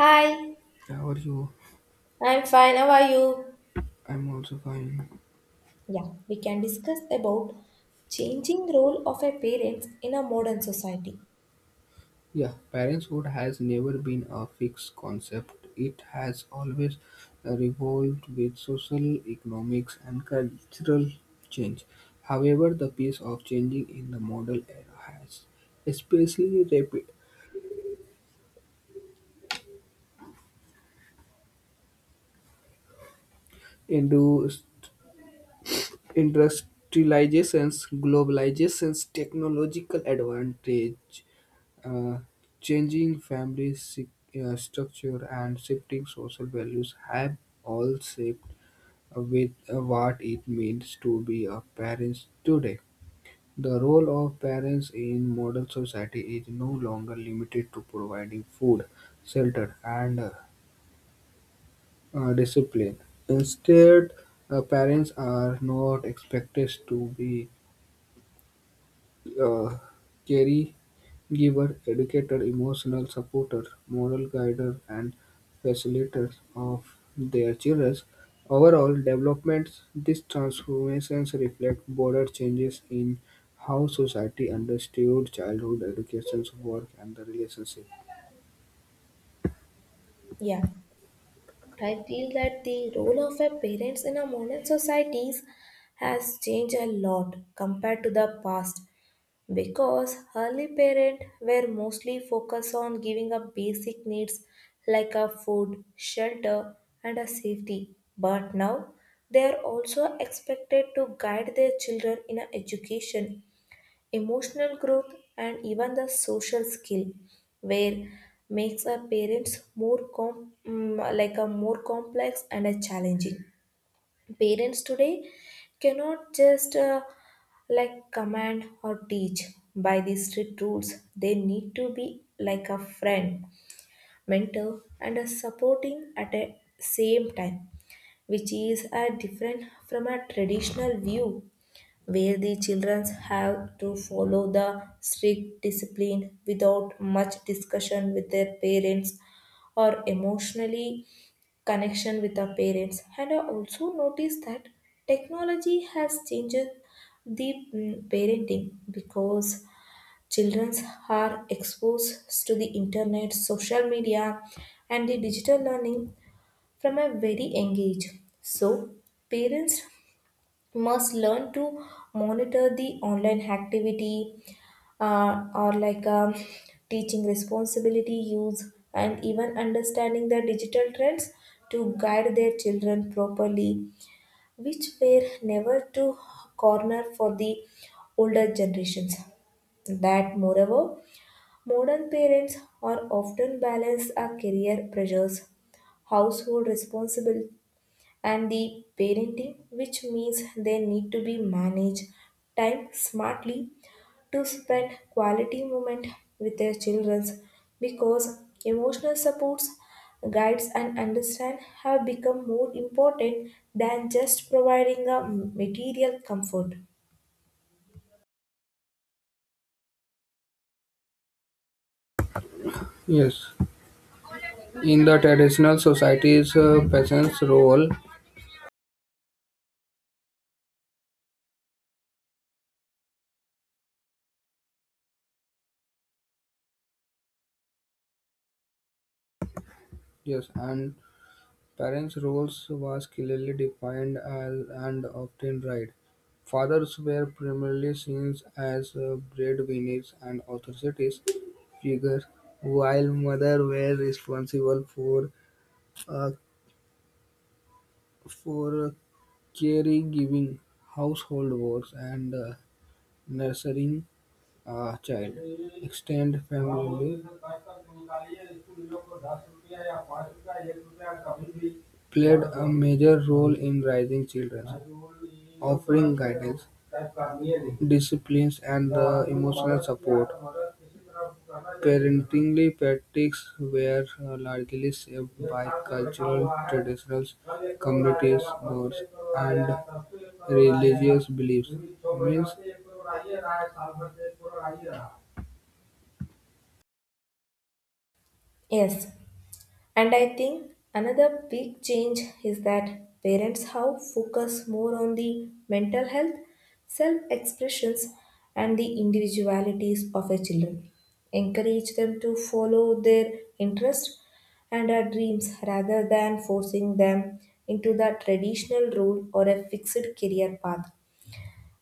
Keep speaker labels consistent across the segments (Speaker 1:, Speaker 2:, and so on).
Speaker 1: Hi,
Speaker 2: How are you?
Speaker 1: I'm fine. How are you?
Speaker 2: I'm also fine.
Speaker 1: Yeah, we can discuss about changing role of a parents in a modern society.
Speaker 2: Yeah, parenthood has never been a fixed concept. It has always revolved with social, economics, and cultural change. However, the pace of changing in the modern era has, especially rapid into industrializations, globalizations, technological advantage, Uh, changing structure and shifting social values have all shaped with what it means to be a parent today. The role of parents in modern society is no longer limited to providing food, shelter, and discipline. Instead, parents are not expected to be uh, carry Giver, educator, emotional supporter, moral guider and facilitator of their children's overall development. These transformations reflect broader changes in how society understood childhood education, work and the relationship.
Speaker 1: Yeah. I feel that the role of a parents in a modern societies has changed a lot compared to the past because early parents were mostly focused on giving up basic needs like a food, shelter and a safety. But now they are also expected to guide their children in a education emotional growth and even the social skill where makes a parents like a more complex and a challenging parents today cannot just like command or teach by these strict rules. They need to be like a friend, mentor and a supporting at a same time, which is a different from a traditional view where the children have to follow the strict discipline without much discussion with their parents or emotionally connection with our parents. And I also noticed that technology has changed the parenting because children are exposed to the internet, social media and the digital learning from a very young age. So parents must learn to monitor the online activity, or like teaching responsibility use and even understanding the digital trends to guide their children properly, which were never to corner for the older generations. That moreover, modern parents are often balance our career pressures, household responsibilities and the parenting, which means they need to be manage time smartly to spend quality moment with their children, because emotional supports, guides and understand have become more important than just providing a material comfort.
Speaker 2: Yes, in the traditional societies, peasants' role, yes, and parents' roles was clearly defined and often right. Fathers were primarily seen as breadwinners and authoritative figures, while mothers were responsible for uh, for caregiving, household work, and nursing a child. Extended family played a major role in raising children, offering guidance, disciplines, and the emotional support. Parenting practices were largely shaped by cultural traditions, communities, norms, and religious beliefs. Means
Speaker 1: Yes. And I think another big change is that parents have focus more on the mental health, self expressions, and the individualities of their children. Encourage them to follow their interests and their dreams rather than forcing them into the traditional role or a fixed career path,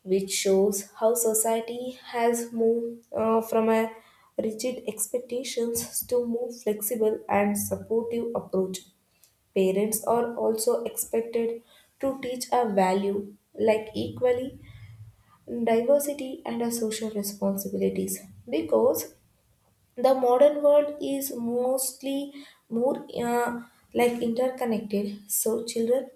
Speaker 1: which shows how society has moved from a rigid expectations to more flexible and supportive approach. Parents are also expected to teach a value like equally, diversity and a social responsibilities, because the modern world is mostly more like interconnected. So children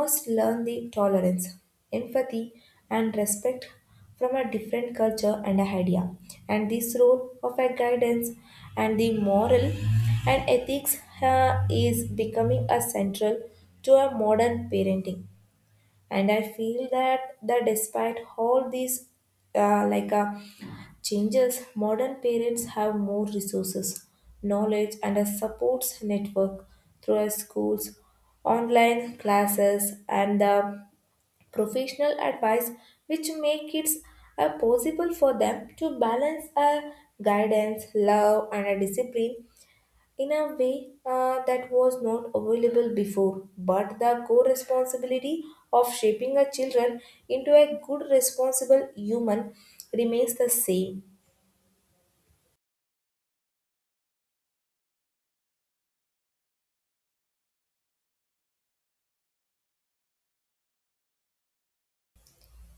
Speaker 1: must learn the tolerance, empathy and respect from a different culture and idea, and this role of a guidance and the moral and ethics is becoming a central to a modern parenting. And I feel that despite all these uh, like uh, changes, modern parents have more resources, knowledge and a support network through our schools, online classes and the professional advice, which make it possible for them to balance a guidance, love and a discipline in a way that was not available before. But the core responsibility of shaping our children into a good, responsible human remains the same.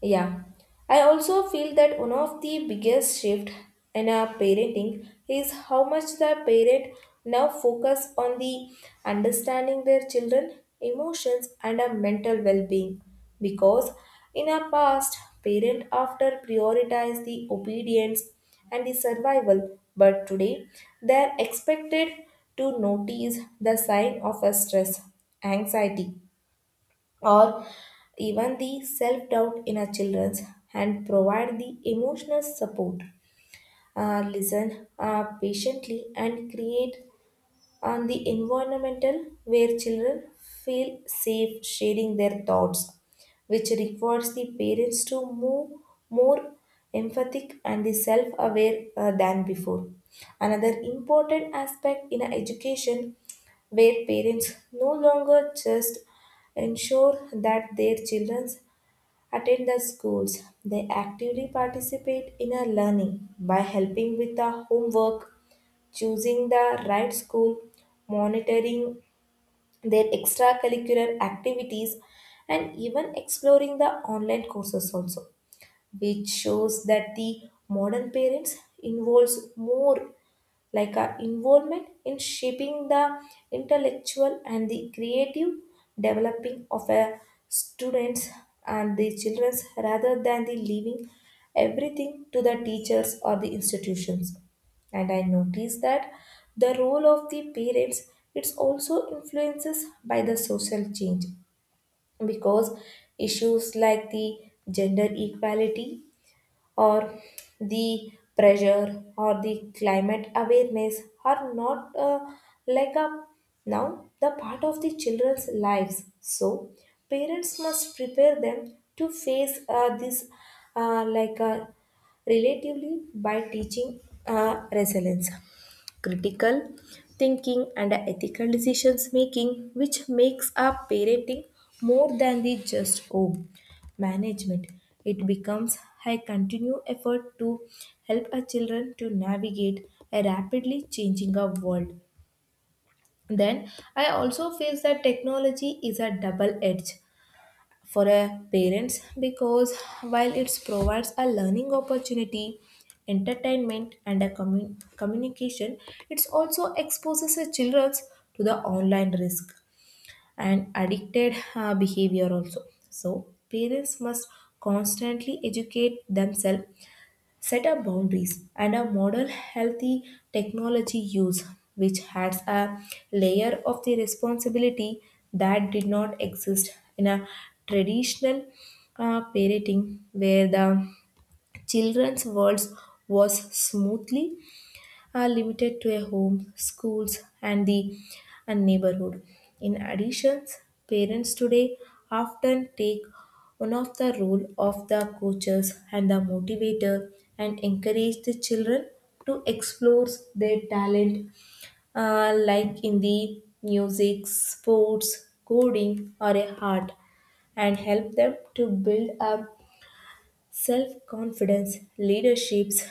Speaker 1: Yeah, I also feel that one of the biggest shift in our parenting is how much the parent now focus on the understanding their children emotions and a mental well-being, because in our past parent after prioritize the obedience and the survival, but today they are expected to notice the sign of a stress, anxiety or even the self doubt in our children and provide the emotional support. Listen patiently and create on the environmental where children feel safe sharing their thoughts, which requires the parents to move more emphatic and the self-aware than before. Another important aspect in education, where parents no longer just ensure that their children attend the schools, they actively participate in a learning by helping with the homework, choosing the right school, monitoring their extracurricular activities, and even exploring the online courses also, which shows that the modern parents involves more like our involvement in shaping the intellectual and the creative developing of a students and the children's rather than the leaving everything to the teachers or the institutions. And I noticed that the role of the parents, it's also influences by the social change, because issues like the gender equality or the pressure or the climate awareness are not like a now the part of the children's lives. So parents must prepare them to face this like a relatively by teaching resilience, critical thinking and ethical decisions making, which makes up parenting more than the just home management. It becomes a continued effort to help our children to navigate a rapidly changing our world. Then I also feel that technology is a double edge for a parents, because while it provides a learning opportunity, entertainment and a communication, it also exposes the children to the online risk and addicted behavior also. So parents must constantly educate themselves, set up boundaries and a model healthy technology use, which adds a layer of the responsibility that did not exist in a traditional parenting, where the children's world was smoothly are limited to a home, schools, and the and neighborhood. In addition, parents today often take one of the role of the coaches and the motivator, and encourage the children to explore their talent like in the music, sports, coding, or a art, and help them to build up self confidence, leaderships,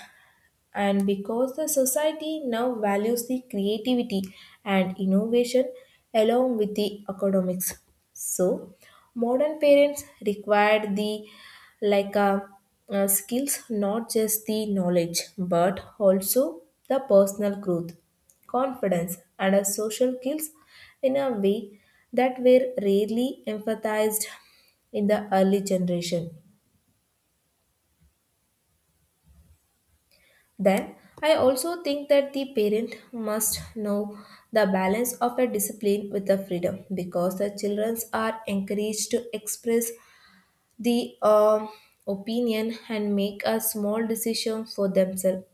Speaker 1: and because the society now values the creativity and innovation along with the academics. So modern parents require the like uh, skills, not just the knowledge but also the personal growth, confidence and a social skills in a way that were rarely emphasized in the early generation. Then, I also think that the parent must know the balance of a discipline with the freedom, because the children are encouraged to express the opinion and make a small decision for themselves,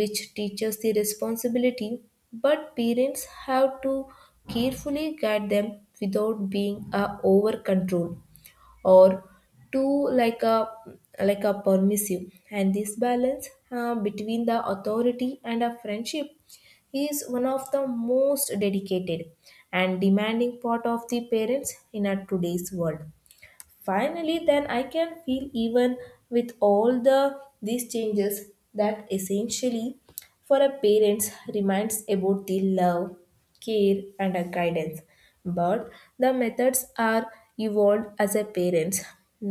Speaker 1: which teaches the responsibility. But parents have to carefully guide them without being over control or too like a permissive. And this balance between the authority and a friendship is one of the most dedicated and demanding part of the parents in our today's world. Finally then I can feel even with all these changes that essentially for a parents reminds about the love, care and a guidance. But the methods are evolved, as a parents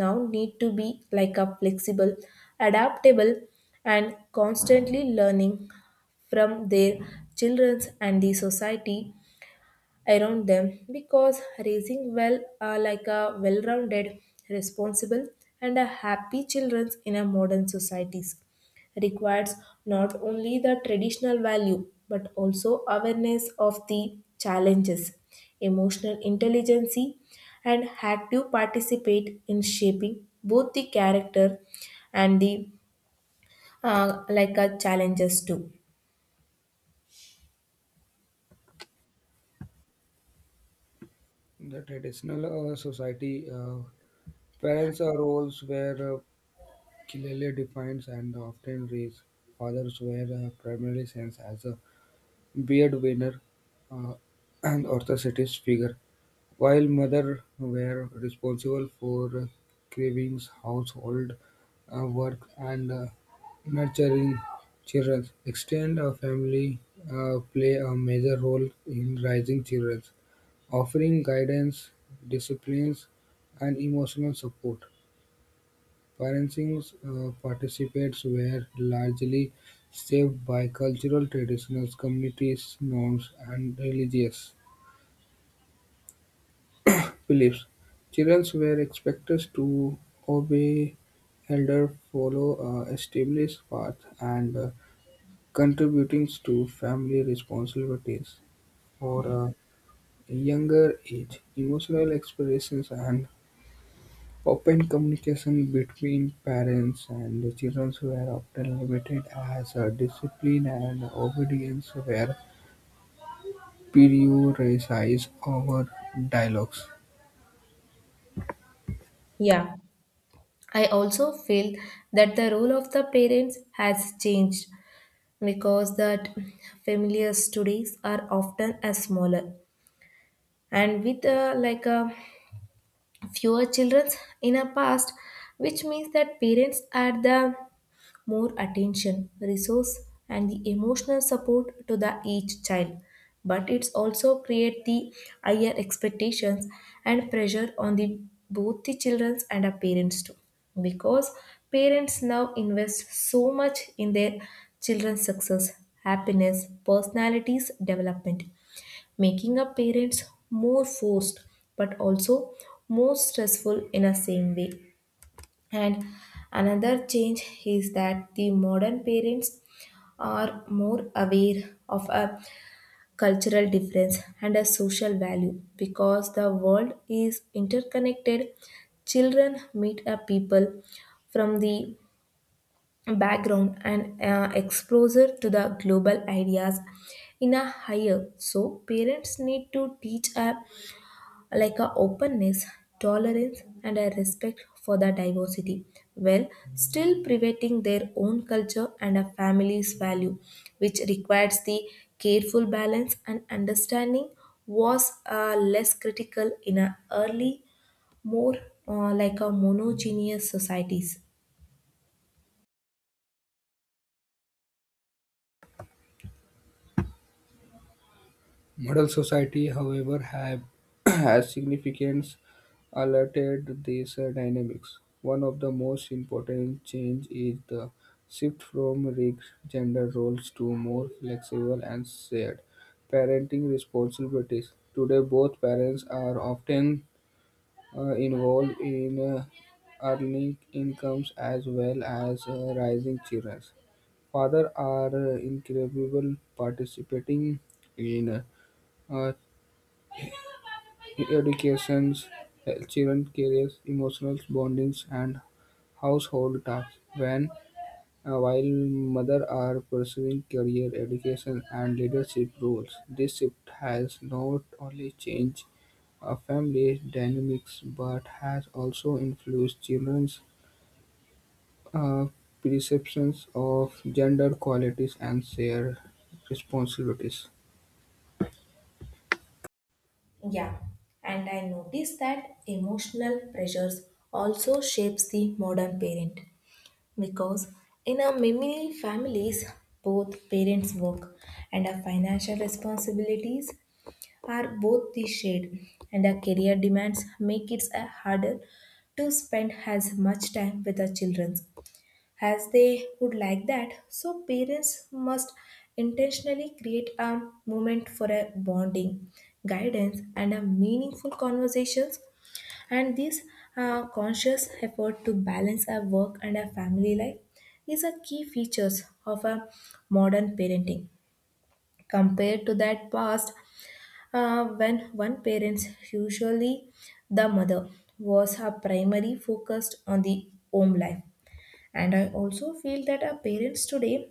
Speaker 1: now need to be like a flexible, adaptable and constantly learning from their children's and the society around them, because raising well-rounded, responsible and a happy children in a modern societies requires not only the traditional value but also awareness of the challenges, emotional intelligence and active participate in shaping both the character and the like a challenges too.
Speaker 2: the traditional society parents' roles were Kilele defines and often reads. Fathers were primarily seen as a beard winner, uh, and authoritative figure, while mothers were responsible for cravings, household work, and nurturing children. Extended family play a major role in raising children, offering guidance, disciplines, and emotional support. Ferencing's participants were largely shaped by cultural traditions, communities, norms, and religious beliefs. Children were expected to obey elder, follow a established path, and contributing to family responsibilities. For a younger age, emotional expressions and open communication between parents and the children were often limited as discipline and obedience were prioritized over dialogues.
Speaker 1: Yeah, I also feel that the role of the parents has changed because that familiar studies are often a smaller and with like a fewer children in a past, which means that parents are the more attention, resource, and the emotional support to the each child. But it's also create the higher expectations and pressure on the both the children and the parents too. Because parents now invest so much in their children's success, happiness, personalities development, making a parents more forced but also more stressful in a same way. And another change is that the modern parents are more aware of a cultural difference and a social value because the world is interconnected. Children meet a people from the background and exposure to the global ideas in a higher. So parents need to teach a like a openness, tolerance, and a respect for the diversity, while still preventing their own culture and a family's value, which requires the careful balance and understanding was less critical in a early, more like a monogeneous societies.
Speaker 2: Modern society, however, have has significance altered these dynamics. One of the most important change is the shift from rigid gender roles to more flexible and shared parenting responsibilities. Today, both parents are often involved in earning incomes as well as raising children. Fathers are incredible participating in uh, uh, educations, children careers, emotional bondings, and household tasks. When While mothers are pursuing career, education, and leadership roles, this shift has not only changed family dynamics but has also influenced children's uh, perceptions of gender qualities and shared responsibilities.
Speaker 1: Yeah, and I noticed that emotional pressures also shapes the modern parent. Because in our many families, both parents' work and our financial responsibilities are both the shade, and our career demands make it a harder to spend as much time with our children as they would like that. So parents must intentionally create a moment for a bonding, guidance, and a meaningful conversations. And this conscious effort to balance our work and our family life is a key features of a modern parenting compared to that past when one parent, usually the mother, was her primary focused on the home life. And I also feel that our parents today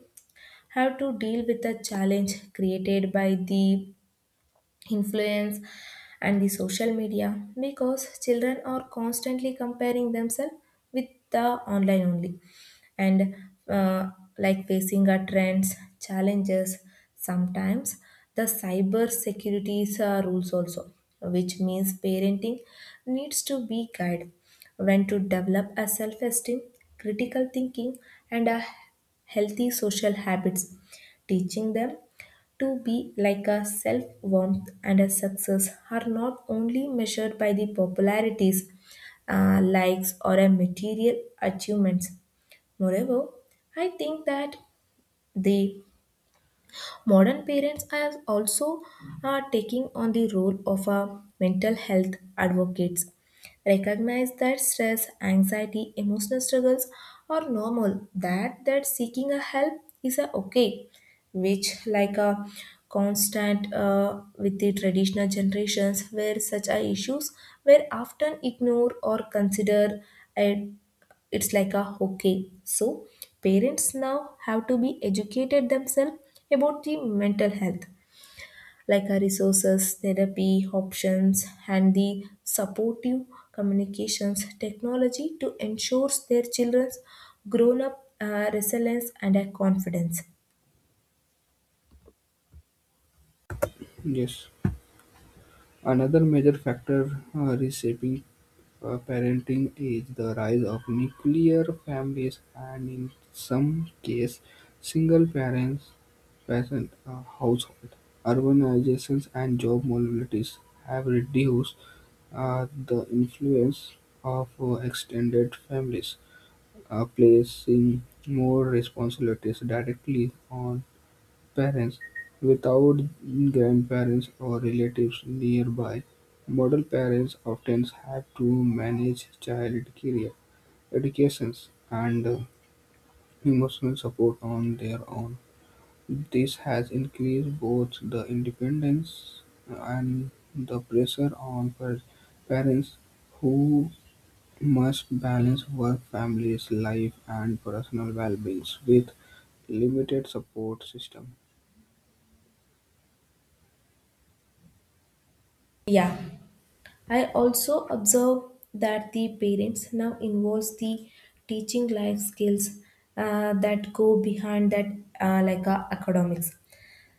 Speaker 1: have to deal with the challenge created by the influence and the social media, because children are constantly comparing themselves with the online only and uh, like facing our trends, challenges, sometimes the cyber securities rules also, which means parenting needs to be guided when to develop a self-esteem, critical thinking and a healthy social habits, teaching them to be like a self warmth, and a success are not only measured by the popularities, likes, or a material achievements. Moreover, I think that the modern parents are also taking on the role of a mental health advocates. Recognize that stress, anxiety, emotional struggles are normal. That seeking a help is a okay, which like a constant with the traditional generations where such are issues were often ignored or considered a, it's like a okay so parents now have to be educated themselves about the mental health like a resources therapy options and the supportive communications technology to ensure their children's grown up resilience and a confidence.
Speaker 2: Yes, another major factor reshaping parenting age, the rise of nuclear families and in some cases single parents present household. Urbanizations and job mobilities have reduced the influence of extended families, placing more responsibilities directly on parents without grandparents or relatives nearby. Model parents often have to manage child career, educations, and emotional support on their own. This has increased both the independence and the pressure on parents who must balance work, families, life, and personal well-being with limited support system.
Speaker 1: Yeah, I also observe that the parents now involves the teaching life skills that go behind that academics,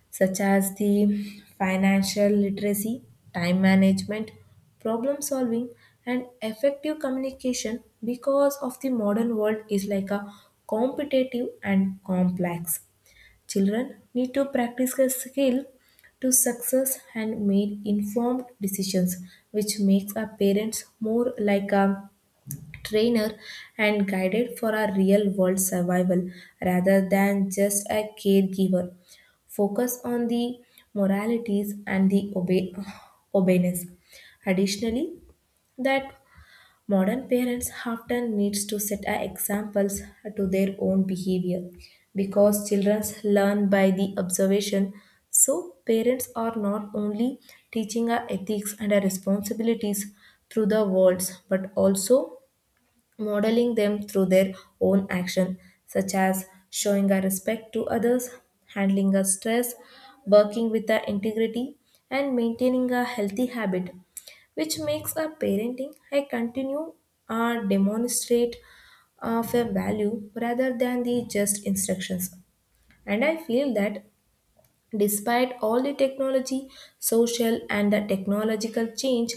Speaker 1: such as the financial literacy, time management, problem solving, and effective communication because of the modern world is like a competitive and complex. Children need to practice a skill to success and make informed decisions, which makes our parents more like a trainer and guided for our real world survival rather than just a caregiver. Focus on the moralities and the obedience. Additionally, that modern parents often needs to set a examples to their own behavior because children learn by the observation. So parents are not only teaching our ethics and our responsibilities through the words but also modeling them through their own action, such as showing our respect to others, handling our stress, working with our integrity, and maintaining a healthy habit, which makes our parenting I continue or demonstrate of a value rather than the just instructions. And I feel that despite all the technology, social, and the technological change,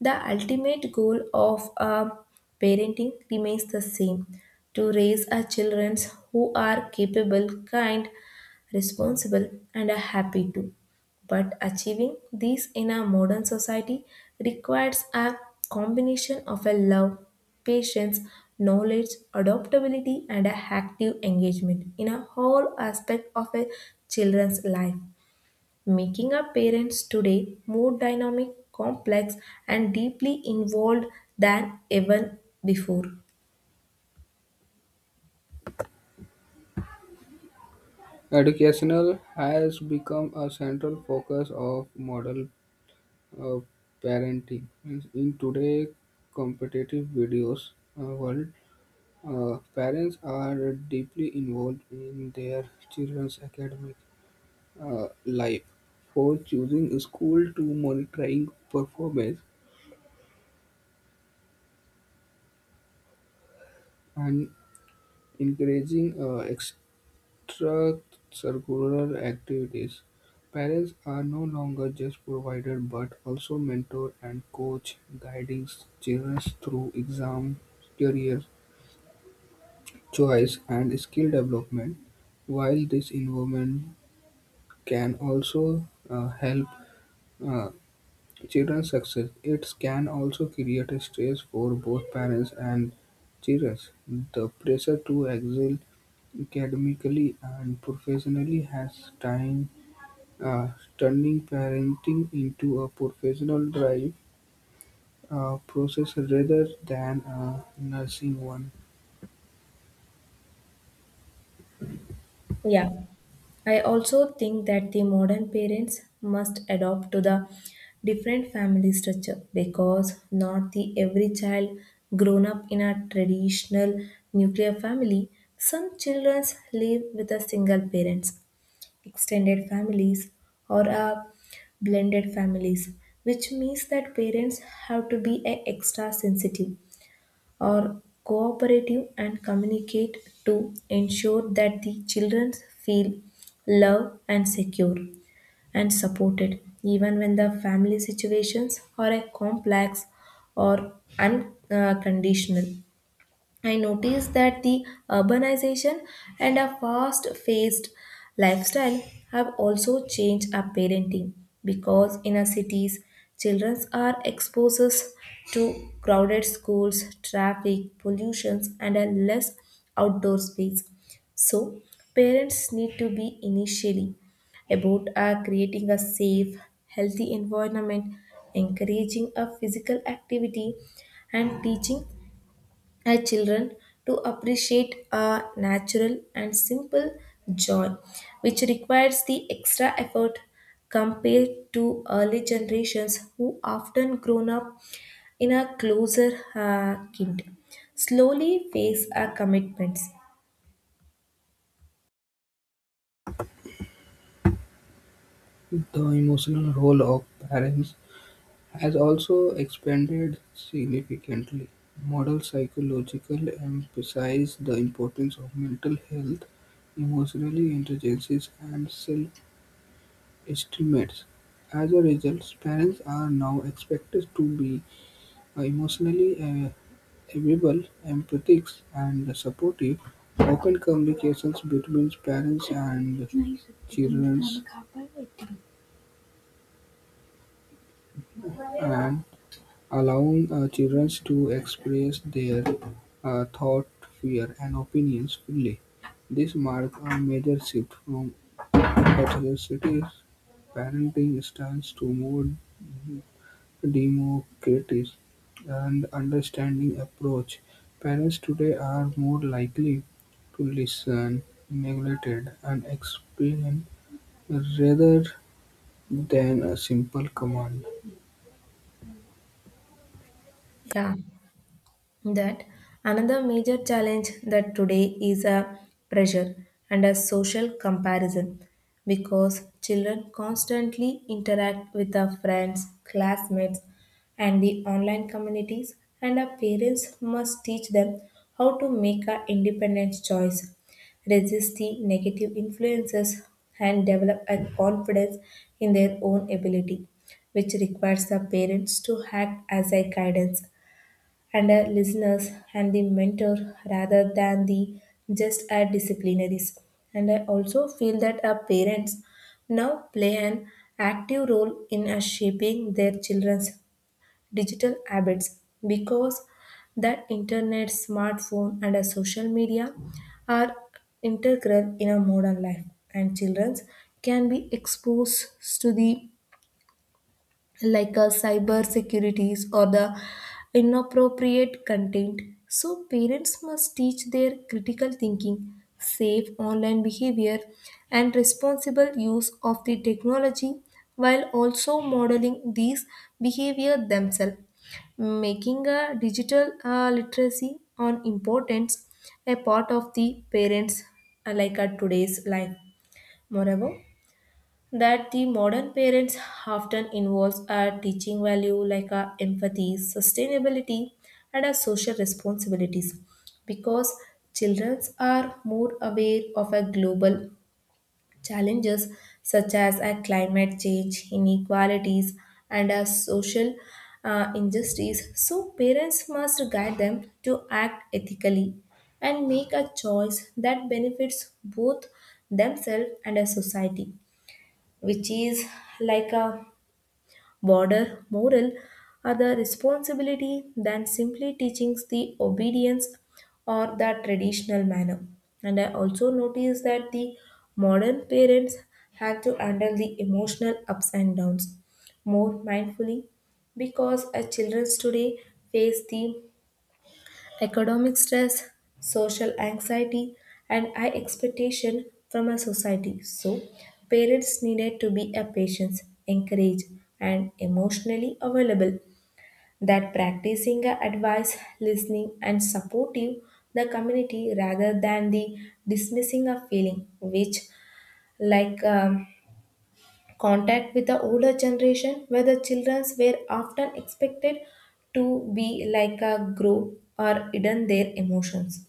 Speaker 1: the ultimate goal of parenting remains the same to raise our children who are capable, kind, responsible, and are happy too. But achieving these in our modern society requires a combination of a love, patience, knowledge, adaptability, and a active engagement in a whole aspect of a children's life, making our parents today more dynamic, complex, and deeply involved than ever before.
Speaker 2: Educational has become a central focus of model uh, parenting. Means in today's competitive videos world, parents are deeply involved in their children's academic life, for choosing a school to monitoring performance and encouraging through curricular activities. Parents are no longer just providers but also mentor and coach, guiding children through exam, career choice, and skill development. While this involvement can also help uh, children's success, it can also create a stress for both parents and children. The pressure to excel academically and professionally has time Uh, turning parenting into a professional drive process rather than a nursing one.
Speaker 1: Yeah, I also think that the modern parents must adopt to the different family structure because not the every child grown up in a traditional nuclear family. Some children live with a single parents, extended families, or a blended families, which means that parents have to be a extra sensitive are cooperative and communicate to ensure that the children feel loved and secure and supported even when the family situations are a complex or unconditional. I noticed that the urbanization and a fast paced lifestyle have also changed our parenting because in our cities, children are exposed to crowded schools, traffic, pollutions, and a less outdoor space. So, parents need to be initially about creating a safe, healthy environment, encouraging a physical activity, and teaching our children to appreciate a natural and simple joy, which requires the extra effort compared to early generations who often grown up in a closer kind. Slowly face our commitments.
Speaker 2: The emotional role of parents has also expanded significantly. Modern psychological emphasize the importance of mental health, emotional intelligence, and self-estimates. As a result, parents are now expected to be emotionally amiable, empathic, and supportive, open communications between parents and children and allowing children to express their thought, fear, and opinions freely. This marks a major shift from heterocyclic parenting styles to more democratic and understanding approach. Parents today are more likely to listen, neglect, and explain rather than a simple command.
Speaker 1: Yeah. That another major challenge that today is a pressure and a social comparison because children constantly interact with their friends classmates and the online communities and our parents must teach them how to make an independent choice resist the negative influences and develop a confidence in their own ability which requires the parents to act as a guidance and a listeners and the mentor rather than the just a disciplinaries. And I also feel that our parents now play an active role in shaping their children's digital habits because that internet, smartphone, and a social media are integral in a modern life, and children can be exposed to the cyber securities or the inappropriate content. So, parents must teach their critical thinking, safe online behavior, and responsible use of the technology while also modeling these behavior themselves. Making a digital literacy on importance a part of the parents today's life. Moreover, that the modern parents often involves are teaching value like our empathy, sustainability, and our social responsibilities because children are more aware of our global challenges such as our climate change, inequalities, and our social injustice. So parents must guide them to act ethically and make a choice that benefits both themselves and a society which is like a border moral are the responsibility than simply teaching the obedience or the traditional manner. And I also notice that the modern parents have to handle the emotional ups and downs more mindfully because our children today face the economic stress, social anxiety, and high expectation from a society. So, parents needed to be a patient, encouraged, and emotionally available. That practicing a advice, listening, and supportive the community rather than the dismissing a feeling, which like um, contact with the older generation, where the children were often expected to be like a grow or hidden their emotions.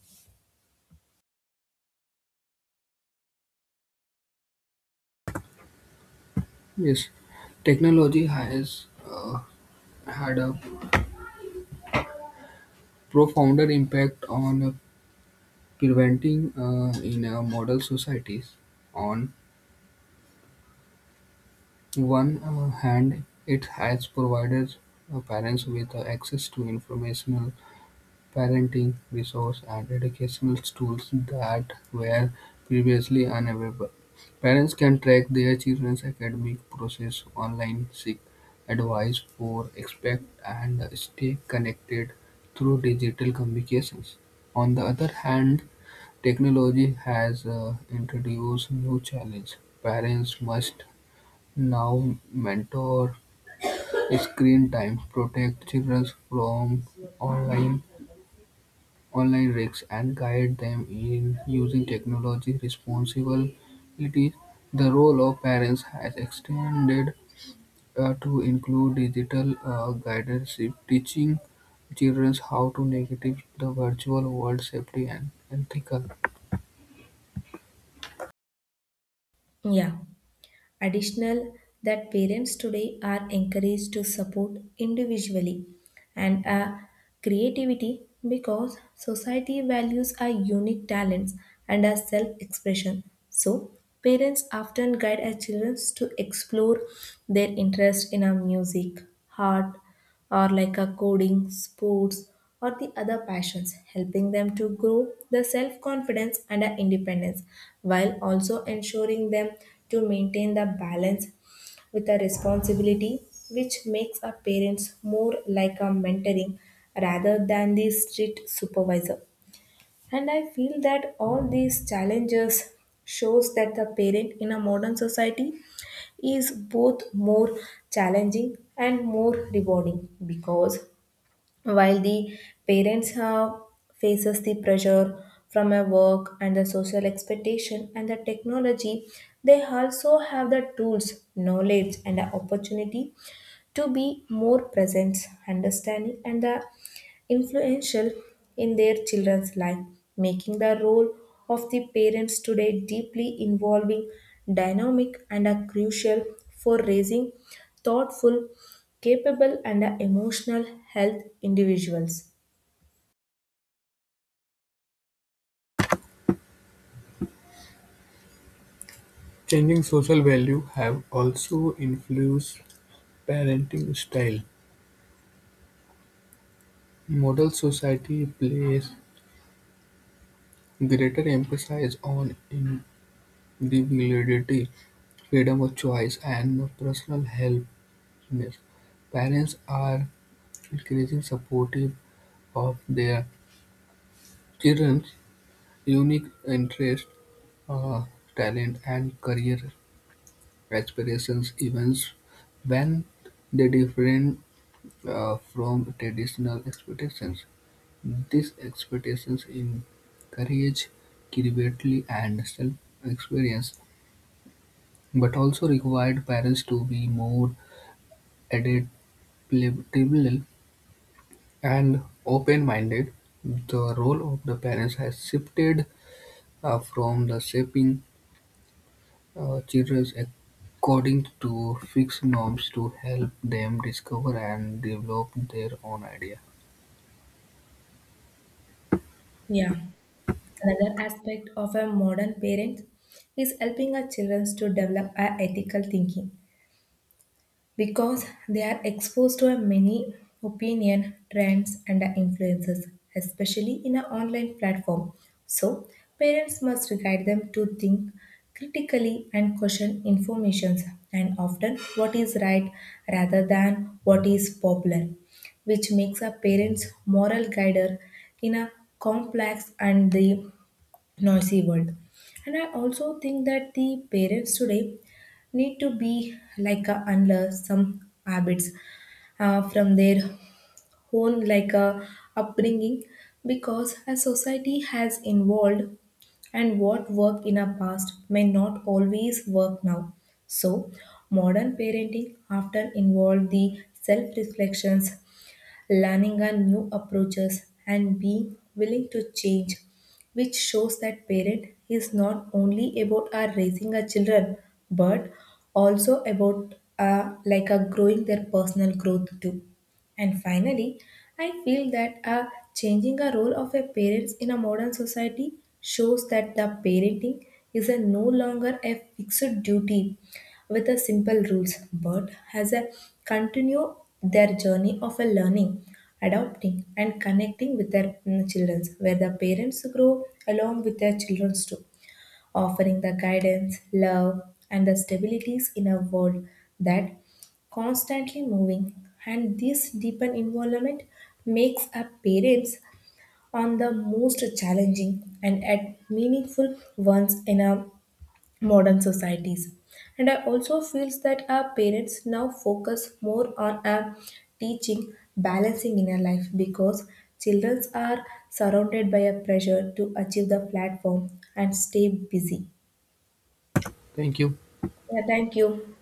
Speaker 2: Yes, technology has had a profounder impact on preventing in model societies. On one hand, it has provided parents with access to information, parenting resources and educational tools that were previously unavailable. Parents can track their children's academic process online, seek advice for expect and stay connected through digital communications. On the other hand, technology has introduced new challenges. Parents must now mentor screen time, protect children from online online risks and guide them in using technology responsibly. The role of parents has extended to include digital guidance, teaching children how to navigate the virtual world safely and ethical.
Speaker 1: Yeah. Additional that parents today are encouraged to support individually and creativity because society values our unique talents and our self-expression. So parents often guide our children to explore their interest in our music, art, or like a coding, sports, or the other passions, helping them to grow the self confidence and a independence while also ensuring them to maintain the balance with a responsibility which makes a parents more like a mentoring rather than the strict supervisor. And I feel that all these challenges shows that the parent in a modern society is both more challenging and more rewarding because while the parents have faces the pressure from a work and the social expectation and the technology they also have the tools knowledge and the opportunity to be more present, understanding, and influential in their children's life, making the role of the parents today deeply involving, dynamic, and crucial for raising thoughtful, capable, and emotional health individuals.
Speaker 2: Changing social values have also influenced parenting style. Model society places greater emphasis on individuality freedom of choice, and personal happiness. Parents are increasingly supportive of their children's unique interests, uh, talent, and career aspirations, even when they differ from traditional expectations. These expectations encourage creativity and self-experience, but also required parents to be more adaptable and open-minded. The role of the parents has shifted from the shaping children according to fixed norms to help them discover and develop their own idea.
Speaker 1: Yeah. Another aspect of a modern parent is helping our children to develop a ethical thinking because they are exposed to a many opinion trends and influences especially in an online platform so parents must guide them to think critically and question informations and often what is right rather than what is popular which makes a parent's moral guide in a complex and the noisy world. And I also think that the parents today need to be like a unlearn some habits from their own like a upbringing because as society has evolved and what worked in our past may not always work now. So modern parenting often involve the self reflections learning on new approaches, and being willing to change, which shows that parent is not only about our raising our children but also about like a growing their personal growth too. And finally, I feel that changing a role of a parents in a modern society shows that the parenting is a no longer a fixed duty with a simple rules, but has a continue their journey of a learning, adopting, and connecting with their children, where the parents grow along with their children too offering the guidance, love, and the stabilities in a world that constantly moving. And this deepened involvement makes our parents on the most challenging and at meaningful ones in our modern societies. And I also feel that our parents now focus more on our teaching balancing in our life because children are surrounded by a pressure to achieve the platform and stay busy.
Speaker 2: Thank you.
Speaker 1: Yeah, thank you.